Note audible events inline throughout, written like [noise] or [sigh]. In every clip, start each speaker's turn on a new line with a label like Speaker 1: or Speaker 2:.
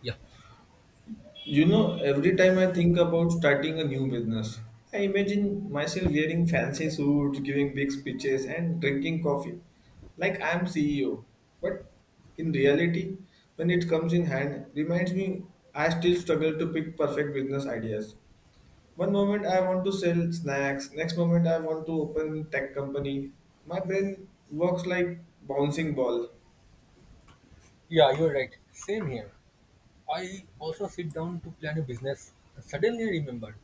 Speaker 1: Yeah.
Speaker 2: You know, every time I think about starting a new business, I imagine myself wearing fancy suits, giving big speeches, and drinking coffee like I'm CEO. But in reality, when it comes in hand, reminds me I still struggle to pick perfect business ideas. One moment I want to sell snacks, next moment I want to open tech company. My brain works like bouncing ball.
Speaker 1: Yeah, you're right. Same here. I also sit down to plan a business and suddenly remembered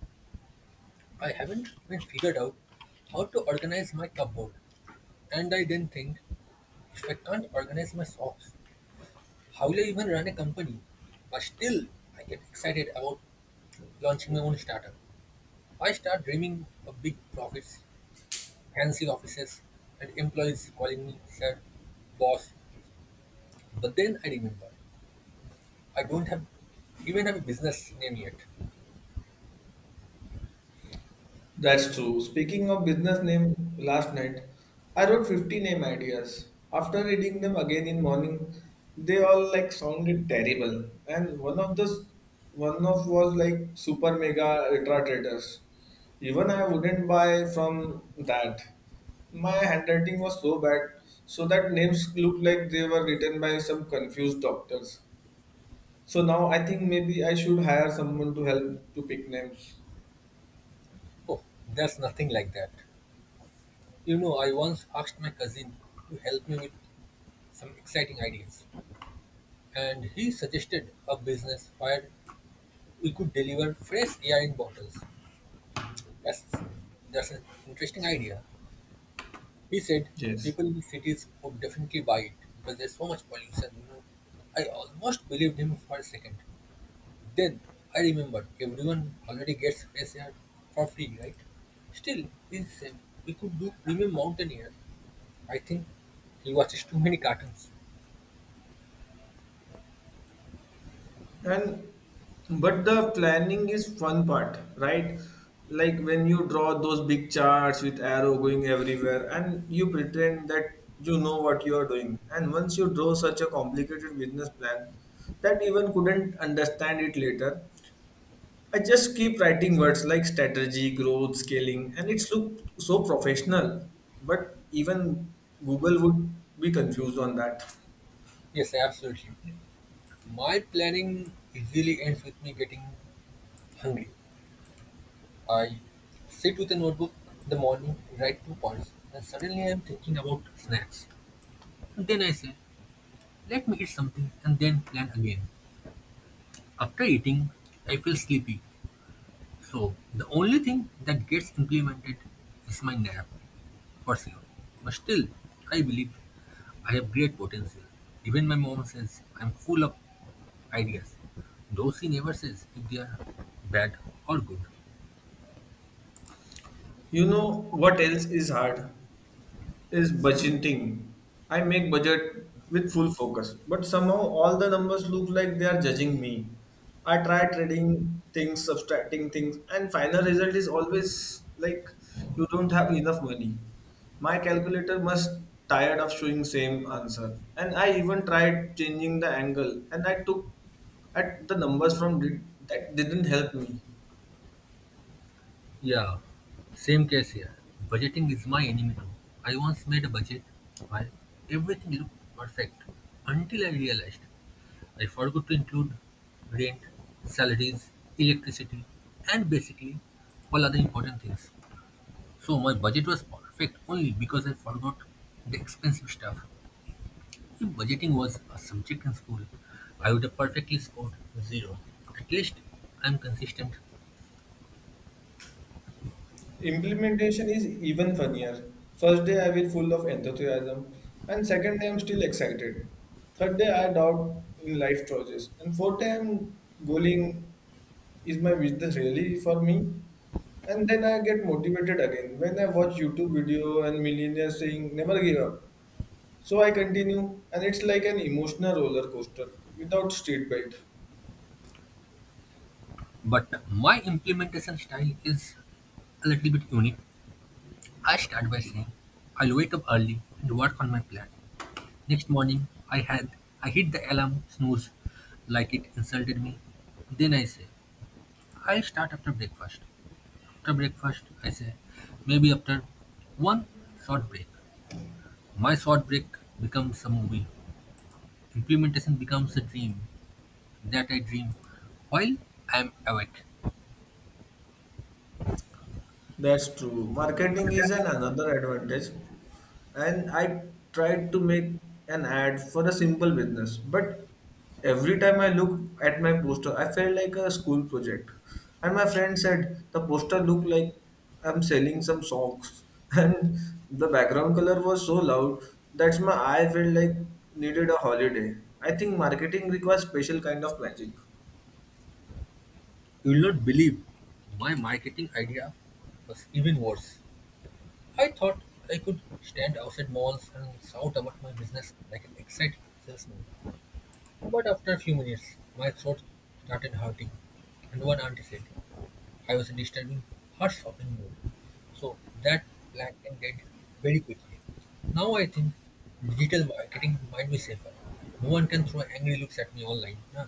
Speaker 1: I haven't even figured out how to organize my cupboard. And I then think, if I can't organize my socks, how will I even run a company? But still, I get excited about launching my own startup. I start dreaming of big profits, fancy offices, and employees calling me sir, boss. But then I remember I don't have even have a business name yet.
Speaker 2: That's true. Speaking of business name, last night I wrote 50 name ideas. After reading them again in morning, they all like sounded terrible. And one of was like super mega ultra traders. Even I wouldn't buy from that. My handwriting was so bad, so that names looked like they were written by some confused doctors. So now I think maybe I should hire someone to help to pick names.
Speaker 1: Oh, there's nothing like that. You know, I once asked my cousin to help me with some exciting ideas, and he suggested a business where we could deliver fresh air in bottles. That's that's an interesting idea. He said
Speaker 2: Yes.
Speaker 1: people in the cities would definitely buy it because there's so much pollution. You know, I almost believed him for a second. Then I remembered everyone already gets fresh air for free, right? Still, it's same. We could do premium mountain air. I think he watches too many cartoons.
Speaker 2: And but the planning is fun part, right? Like when you draw those big charts with arrow going everywhere and you pretend that you know what you are doing. And once you draw such a complicated business plan that even couldn't understand it later, I just keep writing words like strategy, growth, scaling, and it's looked so professional. But even Google would be confused on that.
Speaker 1: Yes, absolutely. My planning usually ends with me getting hungry. I sit with a notebook in the morning, write two points, and suddenly I am thinking about snacks. Then I say, let me eat something and then plan again. After eating, I feel sleepy. So the only thing that gets implemented is my nap, for sure. But still, I believe I have great potential. Even my mom says I'm full of ideas, though she never says if they are bad or good.
Speaker 2: You know what else is hard? Is budgeting. I make budget with full focus, but somehow all the numbers look like they are judging me. I try trading things, subtracting things, and final result is always like you don't have enough money. My calculator must tired of showing same answer. And I even tried changing the angle and I took at the numbers from did, that didn't help me.
Speaker 1: Yeah, same case here. Budgeting is my enemy too. I once made a budget while everything looked perfect until I realized I forgot to include rent, salaries, electricity, and basically all other important things. So my budget was perfect only because I forgot the expensive stuff. If budgeting was a subject in school, I would have perfectly scored zero. At least I'm consistent.
Speaker 2: Implementation is even funnier. First day I will full of enthusiasm, and second day I'm still excited. Third day I doubt in life choices, and fourth day I'm going, is my business really for me? And then I get motivated again when I watch YouTube video and millionaires saying never give up. So I continue, and it's like an emotional roller coaster without street belt.
Speaker 1: But my implementation style is a little bit unique. I start by saying I'll wake up early and work on my plan. Next morning, I hit the alarm snooze like it insulted me. Then I say, I'll start after breakfast. After breakfast, I say, maybe after one short break. My short break becomes a movie. Implementation becomes a dream that I dream while I am awake.
Speaker 2: That's true. Marketing
Speaker 1: You
Speaker 2: is an another advantage. And I tried to make an ad for a simple business, but every time I look at my poster, I felt like a school project. And my friend said the poster looked like I'm selling some socks, [laughs] and the background color was so loud that my eye felt like needed a holiday. I think marketing requires special kind of magic.
Speaker 1: will not believe my marketing idea was even worse. I thought I could stand outside malls and shout about my business like an excited salesman. But after a few minutes, my throat started hurting, and one auntie said I was disturbing her shopping mood. So that plan ended very quickly. Now I think digital marketing might be safer. No one can throw angry looks at me online, huh?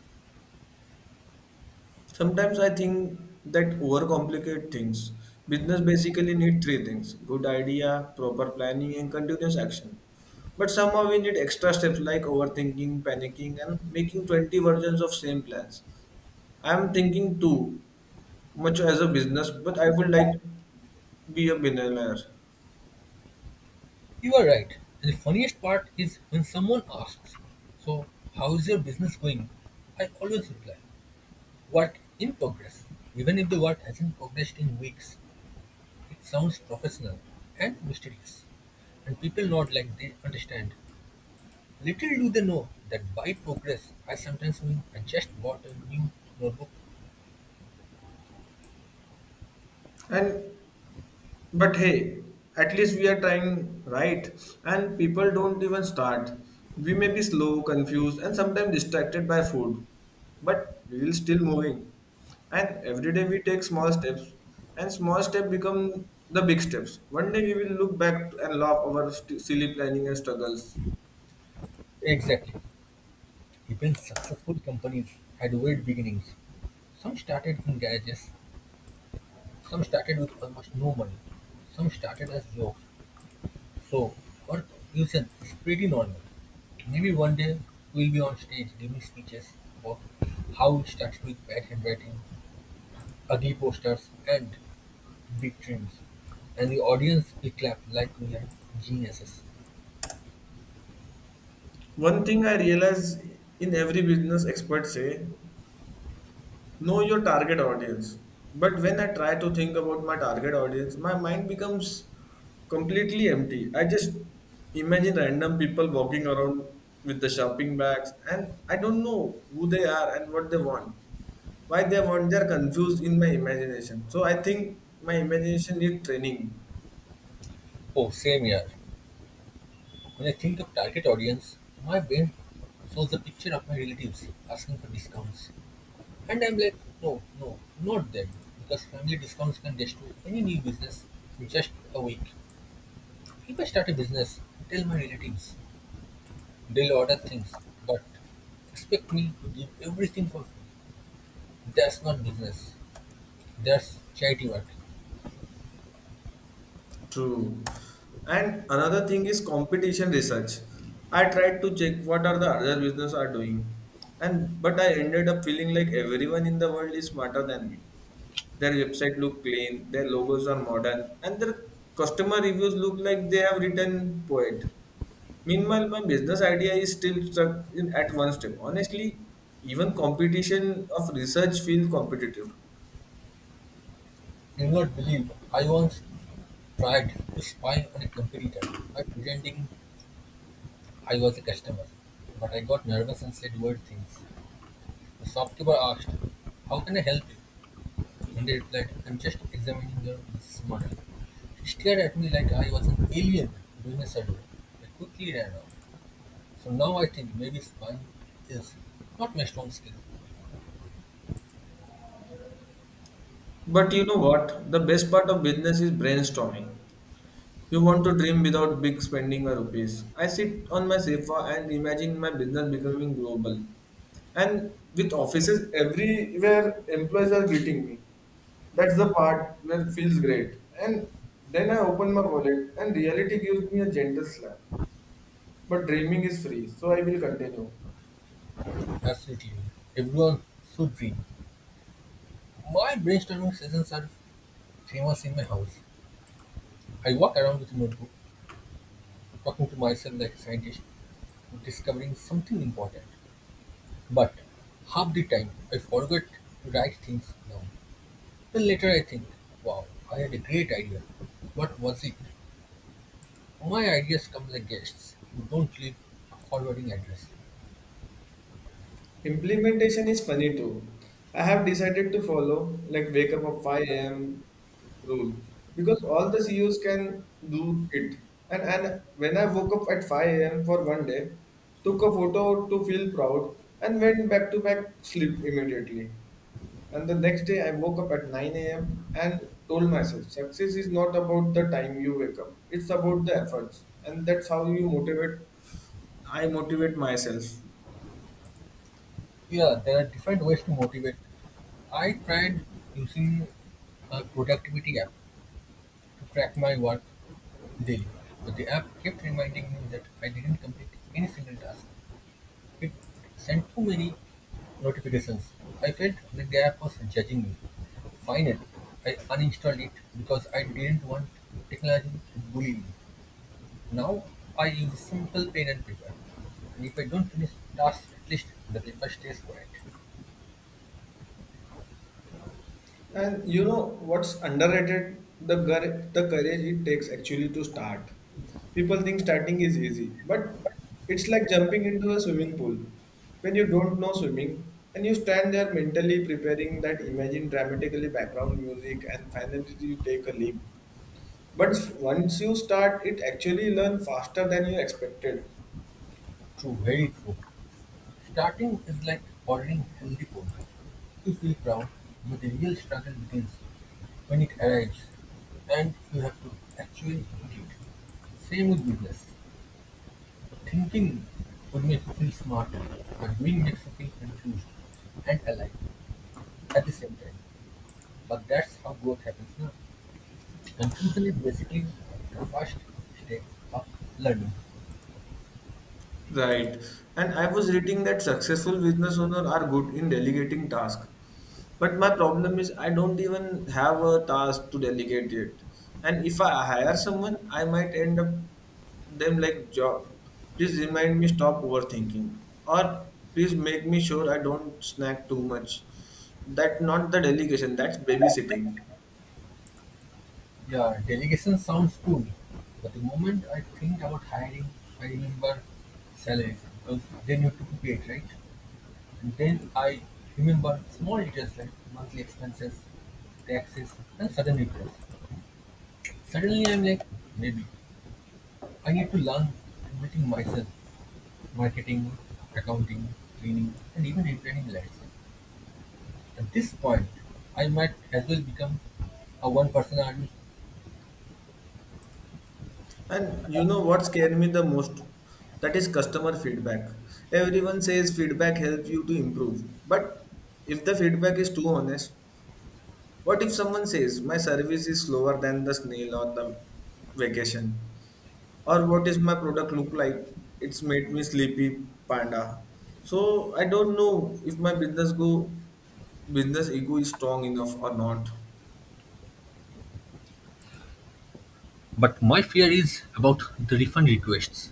Speaker 2: Sometimes I think that overcomplicate things. Business basically need three things: good idea, proper planning, and continuous action. But somehow we need extra steps like overthinking, panicking, and making 20 versions of same plans. I am thinking too much as a business, but I would like be a billionaire.
Speaker 1: You are right. And the funniest part is when someone asks, "So, how is your business going?" I always reply, "Work in progress," even if the work hasn't progressed in weeks. It sounds professional and mysterious, and people nod like they understand. Little do they know that by progress, I sometimes mean I just bought a new notebook.
Speaker 2: And But hey, at least we are trying, right? And people don't even start. We may be slow, confused, and sometimes distracted by food, but we will still moving. And every day we take small steps, and small steps become the big steps. One day we will look back and laugh over silly planning and struggles.
Speaker 1: Exactly. Even successful companies had weird beginnings. Some started in garages, some started with almost no money, some started as jokes. So, our confusion is pretty normal. Maybe one day we'll be on stage giving speeches about how it started with bad handwriting, ugly posters, and big dreams, and the audience we clapped like we are geniuses.
Speaker 2: One thing I realize in every business expert say know your target audience, but when I try to think about my target audience, my mind becomes completely empty. I just imagine random people walking around with the shopping bags, and I don't know who they are and what they want, why they want. They're confused in my imagination, so I think my imagination need training.
Speaker 1: Oh, same here. When I think of target audience, my brain shows the picture of my relatives asking for discounts. And I'm like, no, no, not them. Because family discounts can destroy any new business in just a week. If I start a business, tell my relatives, they'll order things, but expect me to give everything for free. That's not business. That's charity work.
Speaker 2: True. And another thing is competition research. I tried to check what are the other business are doing. And but I ended up feeling like everyone in the world is smarter than me. Their website look clean, their logos are modern, and their customer reviews look like they have written poet. Meanwhile, my business idea is still stuck in at one step. Honestly, even competition of research feel competitive.
Speaker 1: Do not believe I once tried to spy on a competitor by pretending I was a customer, but I got nervous and said weird things. The shopkeeper asked, "How can I help you?" And I replied, "I'm just examining your business model." He stared at me like I was an alien doing a survey. I quickly ran out. So now I think maybe spying is not my strong skill.
Speaker 2: But you know what? The best part of business is brainstorming. You want to dream without big spending a rupees. I sit on my sofa and imagine my business becoming global. And with offices everywhere, employees are greeting me. That's the part where it feels great. And then I open my wallet and reality gives me a gentle slap. But dreaming is free, so I will continue.
Speaker 1: Absolutely. Everyone should dream. My brainstorming sessions are famous in my house. I walk around with a notebook, talking to myself like a scientist, discovering something important. But half the time, I forget to write things down. Then later, I think, wow, I had a great idea. What was it? My ideas come like guests who don't leave a forwarding address.
Speaker 2: Implementation is funny too. I have decided to follow like wake up at 5 a.m. rule because all the CEOs can do it. And when I woke up at 5 a.m. for one day, took a photo to feel proud, and went back sleep immediately. And the next day, I woke up at 9 a.m. and told myself success is not about the time you wake up, it's about the efforts. And that's how you motivate. I motivate myself.
Speaker 1: Yeah, there are different ways to motivate. I tried using a productivity app to track my work daily, but the app kept reminding me that I didn't complete any single task. It sent too many notifications. I felt the gap was judging me. Finally, I uninstalled it because I didn't want technology to bully me. Now I use simple pen and paper. And if I don't finish tasks, at least the paper stays quiet.
Speaker 2: And you know what's underrated? The courage it takes actually to start. People think starting is easy, but it's like jumping into a swimming pool. When you don't know swimming and you stand there mentally preparing that imagine dramatically background music and finally you take a leap. But once you start, it actually learn faster than you expected.
Speaker 1: True, very true. Starting is like ordering healthy food. You feel proud, but the real struggle begins when it arrives and you have to actually eat it. Same with business. Thinking would make you feel smarter, but doing makes you feel confused and alive at the same time. But that's how growth happens now. Confusion is basically the first step of learning.
Speaker 2: Right. And I was reading that successful business owners are good in delegating tasks. But my problem is I don't even have a task to delegate it. And if I hire someone, I might end up them like job. Please remind me stop overthinking. Or please make me sure I don't snack too much. That's not the delegation, that's babysitting.
Speaker 1: Yeah, delegation sounds cool, but the moment I think about hiring, I remember salaries because then you have to pay it, right? And then I remember small details like monthly expenses, taxes, and sudden regrets. Suddenly I'm like, maybe. I had to learn everything myself: marketing, accounting, cleaning, and even repairing lights. At this point, I might as well become a one person army.
Speaker 2: And you know what scared me the most? That is customer feedback. Everyone says feedback helps you to improve. But if the feedback is too honest, what if someone says my service is slower than the snail on the vacation? Or what is my product look like? It's made me sleepy panda. So I don't know if my business ego is strong enough or not.
Speaker 1: But my fear is about the refund requests.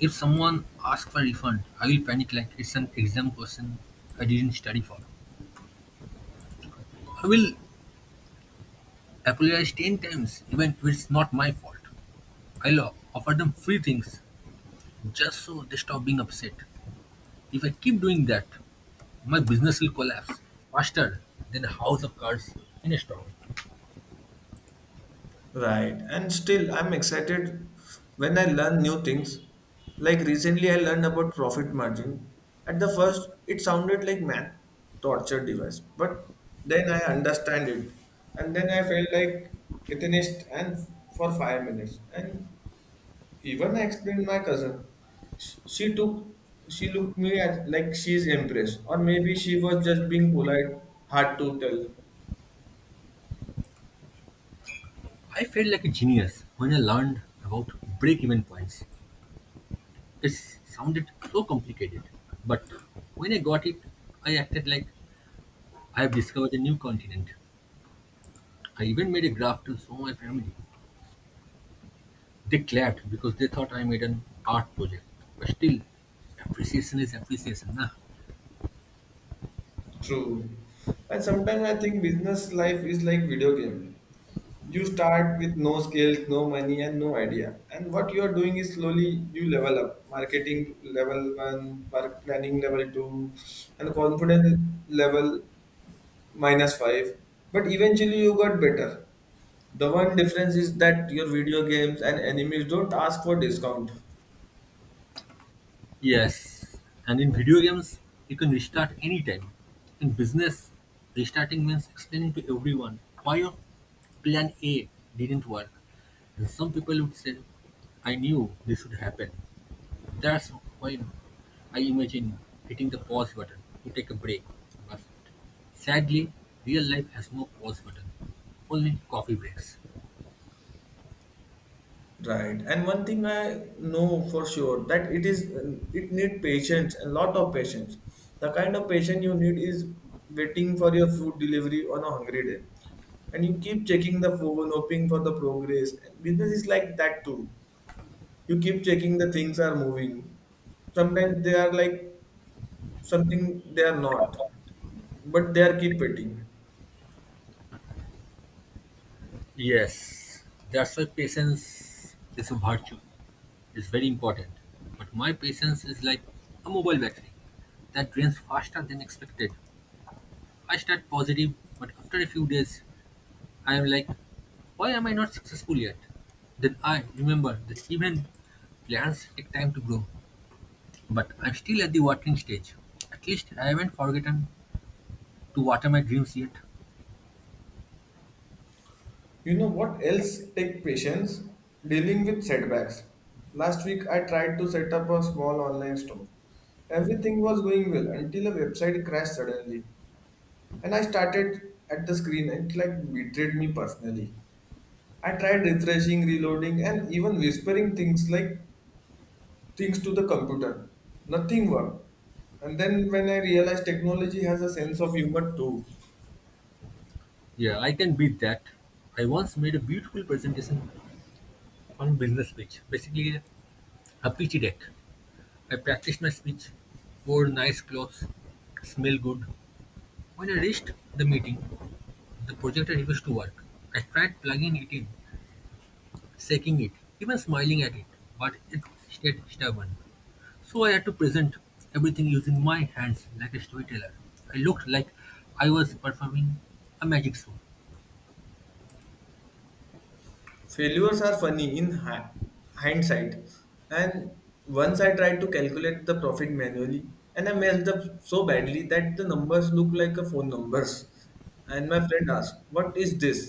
Speaker 1: If someone asks for refund, I will panic like it's an exam question I didn't study for. I will apologize 10 times even if it's not my fault. I'll offer them free things just so they stop being upset. If I keep doing that, my business will collapse faster than a house of cards in a storm.
Speaker 2: Right. And still, I'm excited when I learn new things. Like recently, I learned about profit margin. At the first, it sounded like math torture device, but then I understand it, and then I felt like atheist and for 5 minutes. And even I explained my cousin. Sh- She took, she looked me at like she's impressed, or maybe she was just being polite. Hard to tell.
Speaker 1: I felt like a genius when I learned about break even points. It sounded so complicated, but when I got it, I acted like I have discovered a new continent. I even made a graph to show my family. They clapped because they thought I made an art project. But still, appreciation is appreciation, nah?
Speaker 2: True. And sometimes I think business life is like video game. You start with no skills, no money, and no idea. And what you are doing is slowly you level up. Marketing level one, mark planning level two, and confidence level minus five. But eventually you got better. The one difference is that your video games and enemies don't ask for discount.
Speaker 1: Yes, and in video games, you can restart anytime. In business, restarting means explaining to everyone why your plan A didn't work. And some people would say, "I knew this would happen." That's when I imagine hitting the pause button to take a break. But sadly, real life has no pause button, only coffee breaks.
Speaker 2: Right. And one thing I know for sure that it is it need patience, a lot of patience. The kind of patience you need is waiting for your food delivery on a hungry day. And you keep checking the phone, hoping for the progress. Business is like that too. You keep checking the things are moving. Sometimes they are like something they are not, but they are keep waiting.
Speaker 1: Yes, that's why patience is a virtue. It's very important. But my patience is like a mobile battery that drains faster than expected. I start positive, but after a few days, I am like, why am I not successful yet? Then I remember that even plans take time to grow, but I'm still at the watering stage. At least I haven't forgotten to water my dreams yet.
Speaker 2: You know what else take patience? Dealing with setbacks. Last week I tried to set up a small online store. Everything was going well until a website crashed suddenly and I started at the screen and it like betrayed me personally. I tried refreshing, reloading and even whispering things to the computer. Nothing worked. And then when I realized technology has a sense of humor too.
Speaker 1: Yeah, I can beat that. I once made a beautiful presentation on business speech, basically a pithy deck. I practiced my speech, wore nice clothes, smelled good. When I reached the meeting, the projector refused to work. I tried plugging it in, shaking it, even smiling at it, but it stayed stubborn. So I had to present everything using my hands like a storyteller. I looked like I was performing a magic show.
Speaker 2: Failures are funny in hindsight, and once I tried to calculate the profit manually, and I messed up so badly that the numbers look like a phone numbers. And my friend asked, what is this?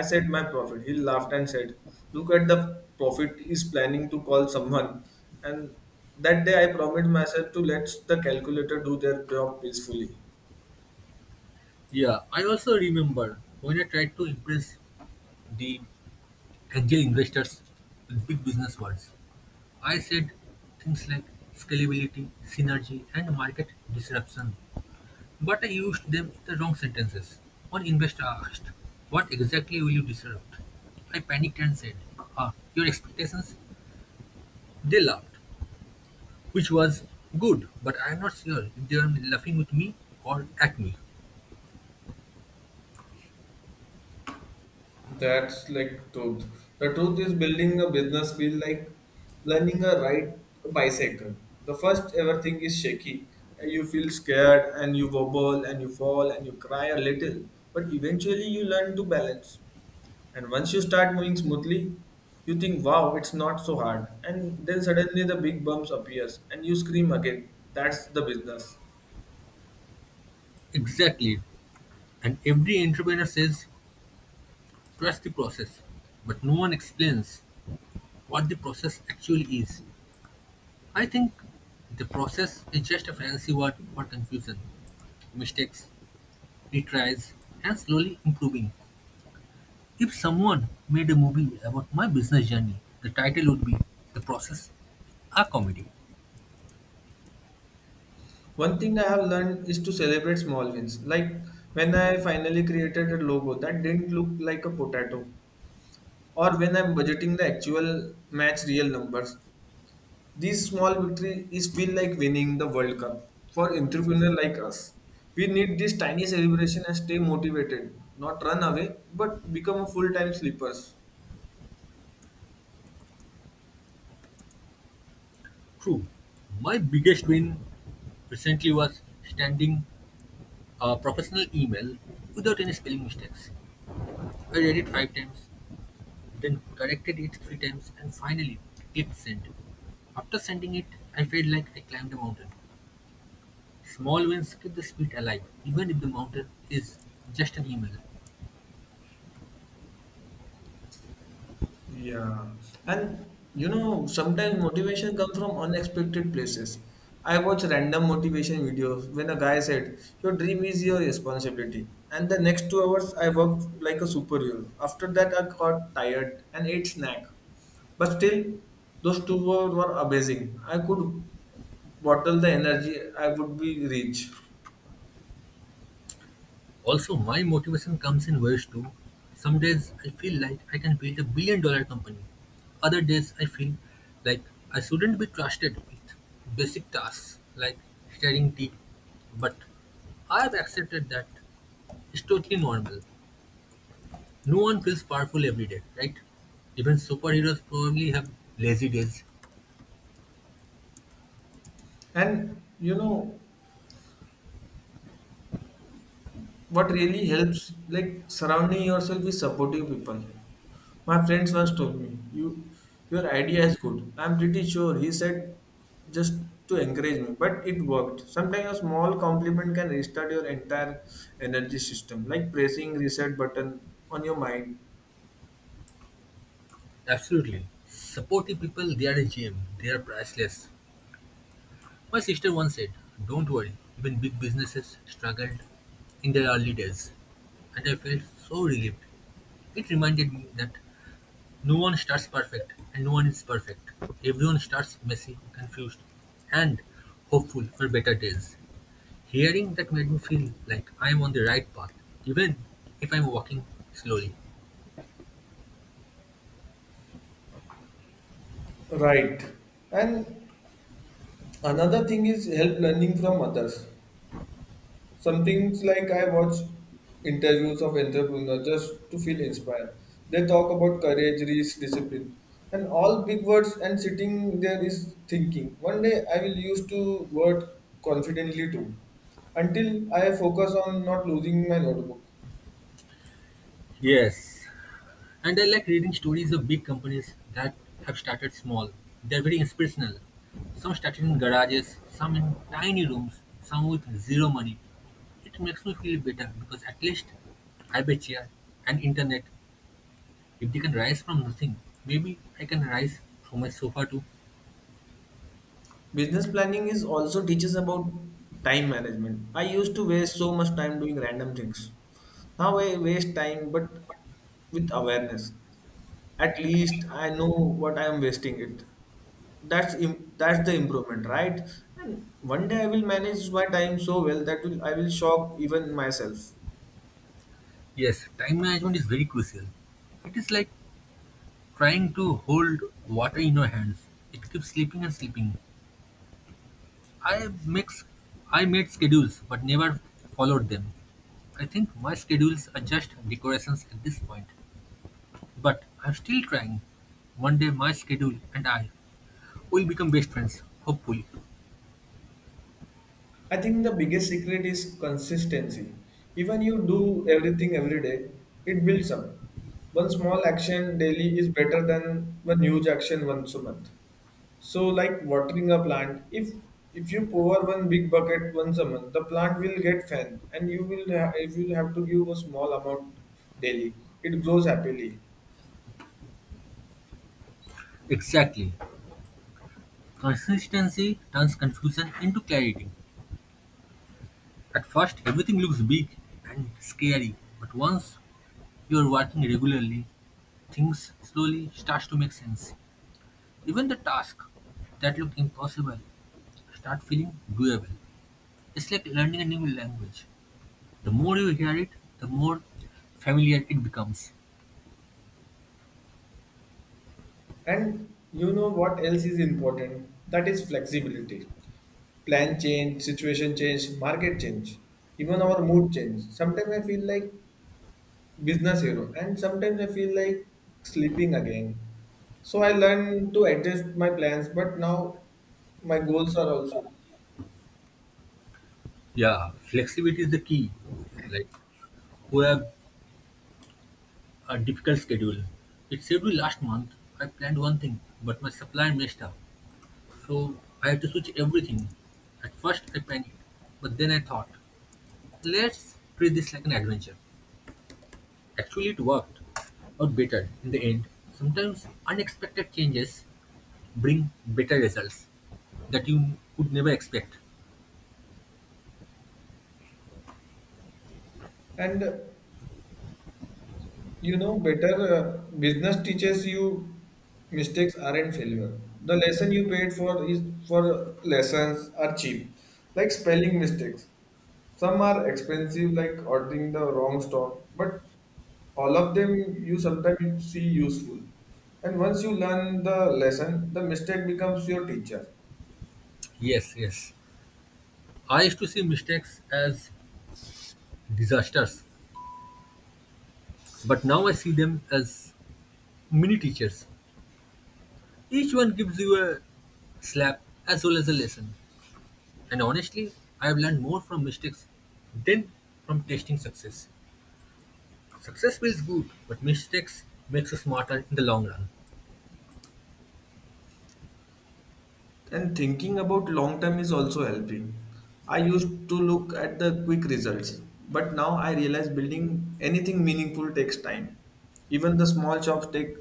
Speaker 2: I said my profit. He laughed and said, look at the profit is planning to call someone. And that day I promised myself to let the calculator do their job peacefully.
Speaker 1: Yeah, I also remember when I tried to impress the angel investors with big business words. I said things like scalability, synergy, and market disruption, but I used them in the wrong sentences. One investor asked, "What exactly will you disrupt?" I panicked and said, "Ah, your expectations?" They laughed, which was good, but I am not sure if they were laughing with me or at me.
Speaker 2: That's like truth. The truth is building a business feel like learning a ride bicycle. The first ever thing is shaky. You feel scared and you wobble and you fall and you cry a little. But eventually you learn to balance. And once you start moving smoothly, you think, wow, it's not so hard. And then suddenly the big bumps appears and you scream again. That's the business.
Speaker 1: Exactly. And every entrepreneur says, "Trust the process," but no one explains what the process actually is. I think the process is just a fancy word for confusion, mistakes, retries, and slowly improving. If someone made a movie about my business journey, the title would be "The Process, a Comedy."
Speaker 2: One thing I have learned is to celebrate small wins. Like when I finally created a logo that didn't look like a potato, or when I'm budgeting the actual match real numbers. These small victory is feel like winning the World Cup for entrepreneur like us. We need this tiny celebration and stay motivated, not run away, but become a full-time sleepers.
Speaker 1: True, my biggest win recently was standing a professional email without any spelling mistakes. I read it five times, then corrected it three times, and finally clicked send. After sending it, I felt like I climbed a mountain. Small wins keep the spirit alive, even if the mountain is just an email.
Speaker 2: Yeah, and you know, sometimes motivation comes from unexpected places. I watch random motivation videos when a guy said, your dream is your responsibility. And the next 2 hours, I worked like a superhero. After that, I got tired and ate snack. But still, those 2 hours were amazing. I could bottle the energy, I would be rich.
Speaker 1: Also, my motivation comes in waves too. Some days I feel like I can build 1 billion dollar company. Other days I feel like I shouldn't be trusted with basic tasks like stirring tea. But I have accepted that it's totally normal. No one feels powerful every day, right? Even superheroes probably have lazy days.
Speaker 2: And you know, what really helps like surrounding yourself with supportive people, my friends once told me, you, your idea is good. I'm pretty sure he said just to encourage me, but it worked. Sometimes a small compliment can restart your entire energy system, like pressing reset button on your mind.
Speaker 1: Absolutely. Supportive people, they are a gem. They are priceless. My sister once said, "Don't worry, even big businesses struggled in their early days." And I felt so relieved. It reminded me that no one starts perfect and no one is perfect. Everyone starts messy, confused, and hopeful for better days. Hearing that made me feel like I am on the right path, even if I'm walking slowly.
Speaker 2: Right, and another thing is help learning from others. Some things like I watch interviews of entrepreneurs just to feel inspired. They talk about courage, risk, discipline, and all big words. And sitting there is thinking, one day I will use to word confidently too. Until I focus on not losing my notebook.
Speaker 1: Yes, and I like reading stories of big companies that have started small. They're very inspirational. Some started in garages, some in tiny rooms, some with zero money. It makes me feel better because at least I bet here and internet, if they can rise from nothing, maybe I can rise from my sofa too.
Speaker 2: Business planning is also teaches about time management. I used to waste so much time doing random things. Now I waste time, but with awareness. At least I know what I am wasting it. That's the improvement, right? And one day I will manage my time so well that will I will shock even myself.
Speaker 1: Yes, time management is very crucial. It is like trying to hold water in your hands. It keeps slipping and slipping, I mix I made schedules but never followed them. I think my schedules are just decorations at this point. But I'm still trying. One day my schedule and I will become best friends, hopefully.
Speaker 2: I think the biggest secret is consistency. Even you do everything every day, it builds up. One small action daily is better than one huge action once a month. So like watering a plant, if you pour one big bucket once a month, the plant will get fed and if you will have to give a small amount daily, it grows happily.
Speaker 1: Exactly. Consistency turns confusion into clarity. At first everything looks big and scary, but once you are working regularly, things slowly start to make sense. Even the tasks that look impossible start feeling doable. It's like learning a new language. The more you hear it, the more familiar it becomes.
Speaker 2: And you know what else is important? That is flexibility. Plan change, situation change, market change, even our mood change. Sometimes I feel like business hero, and sometimes I feel like sleeping again. So I learned to adjust my plans, but now my goals are also.
Speaker 1: Yeah, flexibility is the key. Like, we have a difficult schedule. It saved me last month. I planned one thing, but my supplier messed up. So I had to switch everything. At first, I panicked, but then I thought, let's treat this like an adventure. Actually, it worked out better in the end. Sometimes unexpected changes bring better results that you could never expect.
Speaker 2: And uh, better business teaches you mistakes aren't failure. The lesson you paid for is for lessons are cheap, like spelling mistakes. Some are expensive, like ordering the wrong stock, but all of them you sometimes see useful. And once you learn the lesson, the mistake becomes your teacher.
Speaker 1: Yes, yes. I used to see mistakes as disasters, but now I see them as mini teachers. Each one gives you a slap as well as a lesson. And honestly, I have learned more from mistakes than from testing success. Success feels good, but mistakes makes you smarter in the long run.
Speaker 2: And thinking about long term is also helping. I used to look at the quick results, but now I realize building anything meaningful takes time. Even the small shops take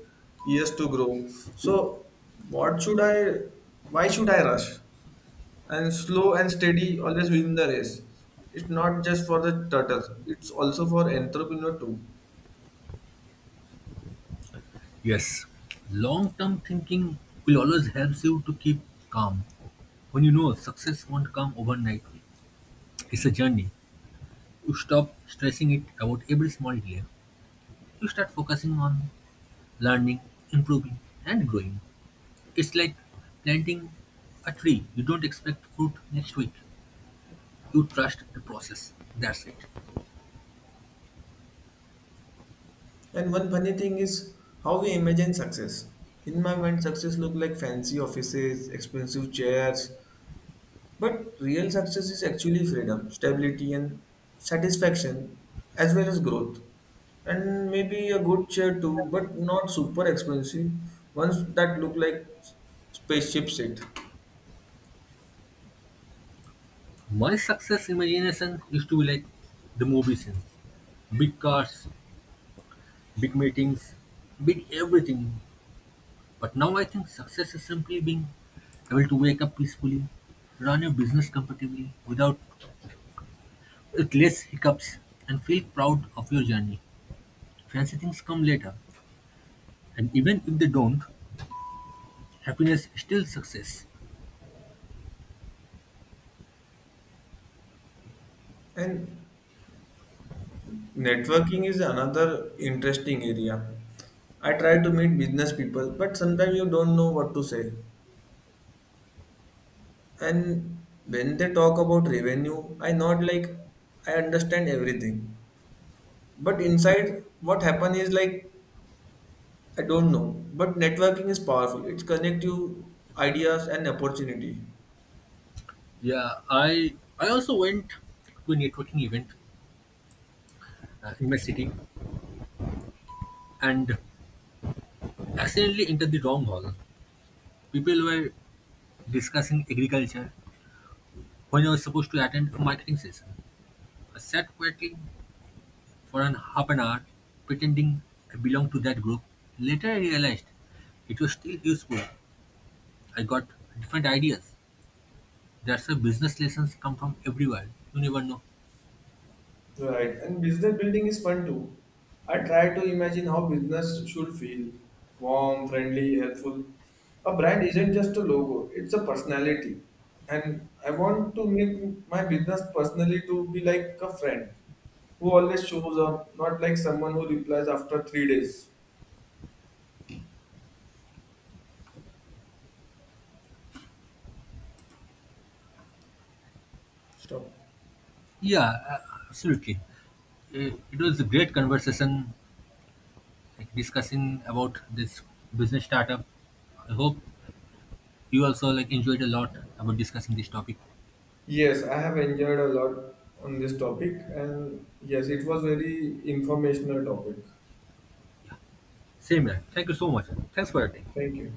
Speaker 2: years to grow. So, what should I? Why should I rush? And slow and steady always win the race. It's not just for the turtles, it's also for entrepreneur too.
Speaker 1: Yes, long-term thinking will always help you to keep calm. When you know success won't come overnight, it's a journey. You stop stressing it about every small delay. You start focusing on learning, improving, and growing. It's like planting a tree. You don't expect fruit next week. You trust the process. That's it.
Speaker 2: And one funny thing is how we imagine success. In my mind, success look like fancy offices, expensive chairs, but real success is actually freedom, stability, and satisfaction, as well as growth. And maybe a good chair too, but not super expensive. Ones that look like spaceship seat.
Speaker 1: My success imagination used to be like the movie scenes: big cars, big meetings, big everything. But now I think success is simply being able to wake up peacefully, run your business comfortably without with less hiccups, and feel proud of your journey. Fancy things come later. And even if they don't, happiness is still success.
Speaker 2: And networking is another interesting area. I try to meet business people, but sometimes you don't know what to say. And when they talk about revenue, I not like I understand everything. But inside what happen is like I don't know. But networking is powerful. It connect you ideas and opportunity.
Speaker 1: Yeah, I also went to a networking event in my city and accidentally entered the wrong hall. People were discussing agriculture when I was supposed to attend a marketing session. I sat quietly for an half an hour, pretending I belonged to that group. Later, I realized it was still useful. I got different ideas. That's why business lessons come from everywhere. You never know.
Speaker 2: Right, and business building is fun too. I try to imagine how business should feel warm, friendly, helpful. A brand isn't just a logo, it's a personality. And I want to make my business personally to be like a friend who always shows up, not like someone who replies after 3 days. Stop.
Speaker 1: Yeah, absolutely. It was a great conversation, like discussing about this business startup. I hope you also like enjoyed a lot about discussing this topic.
Speaker 2: Yes, I have enjoyed a lot on this topic, and yes, it was very informational topic.
Speaker 1: Same here. Thank you so much. Thanks for your time.
Speaker 2: Thank you.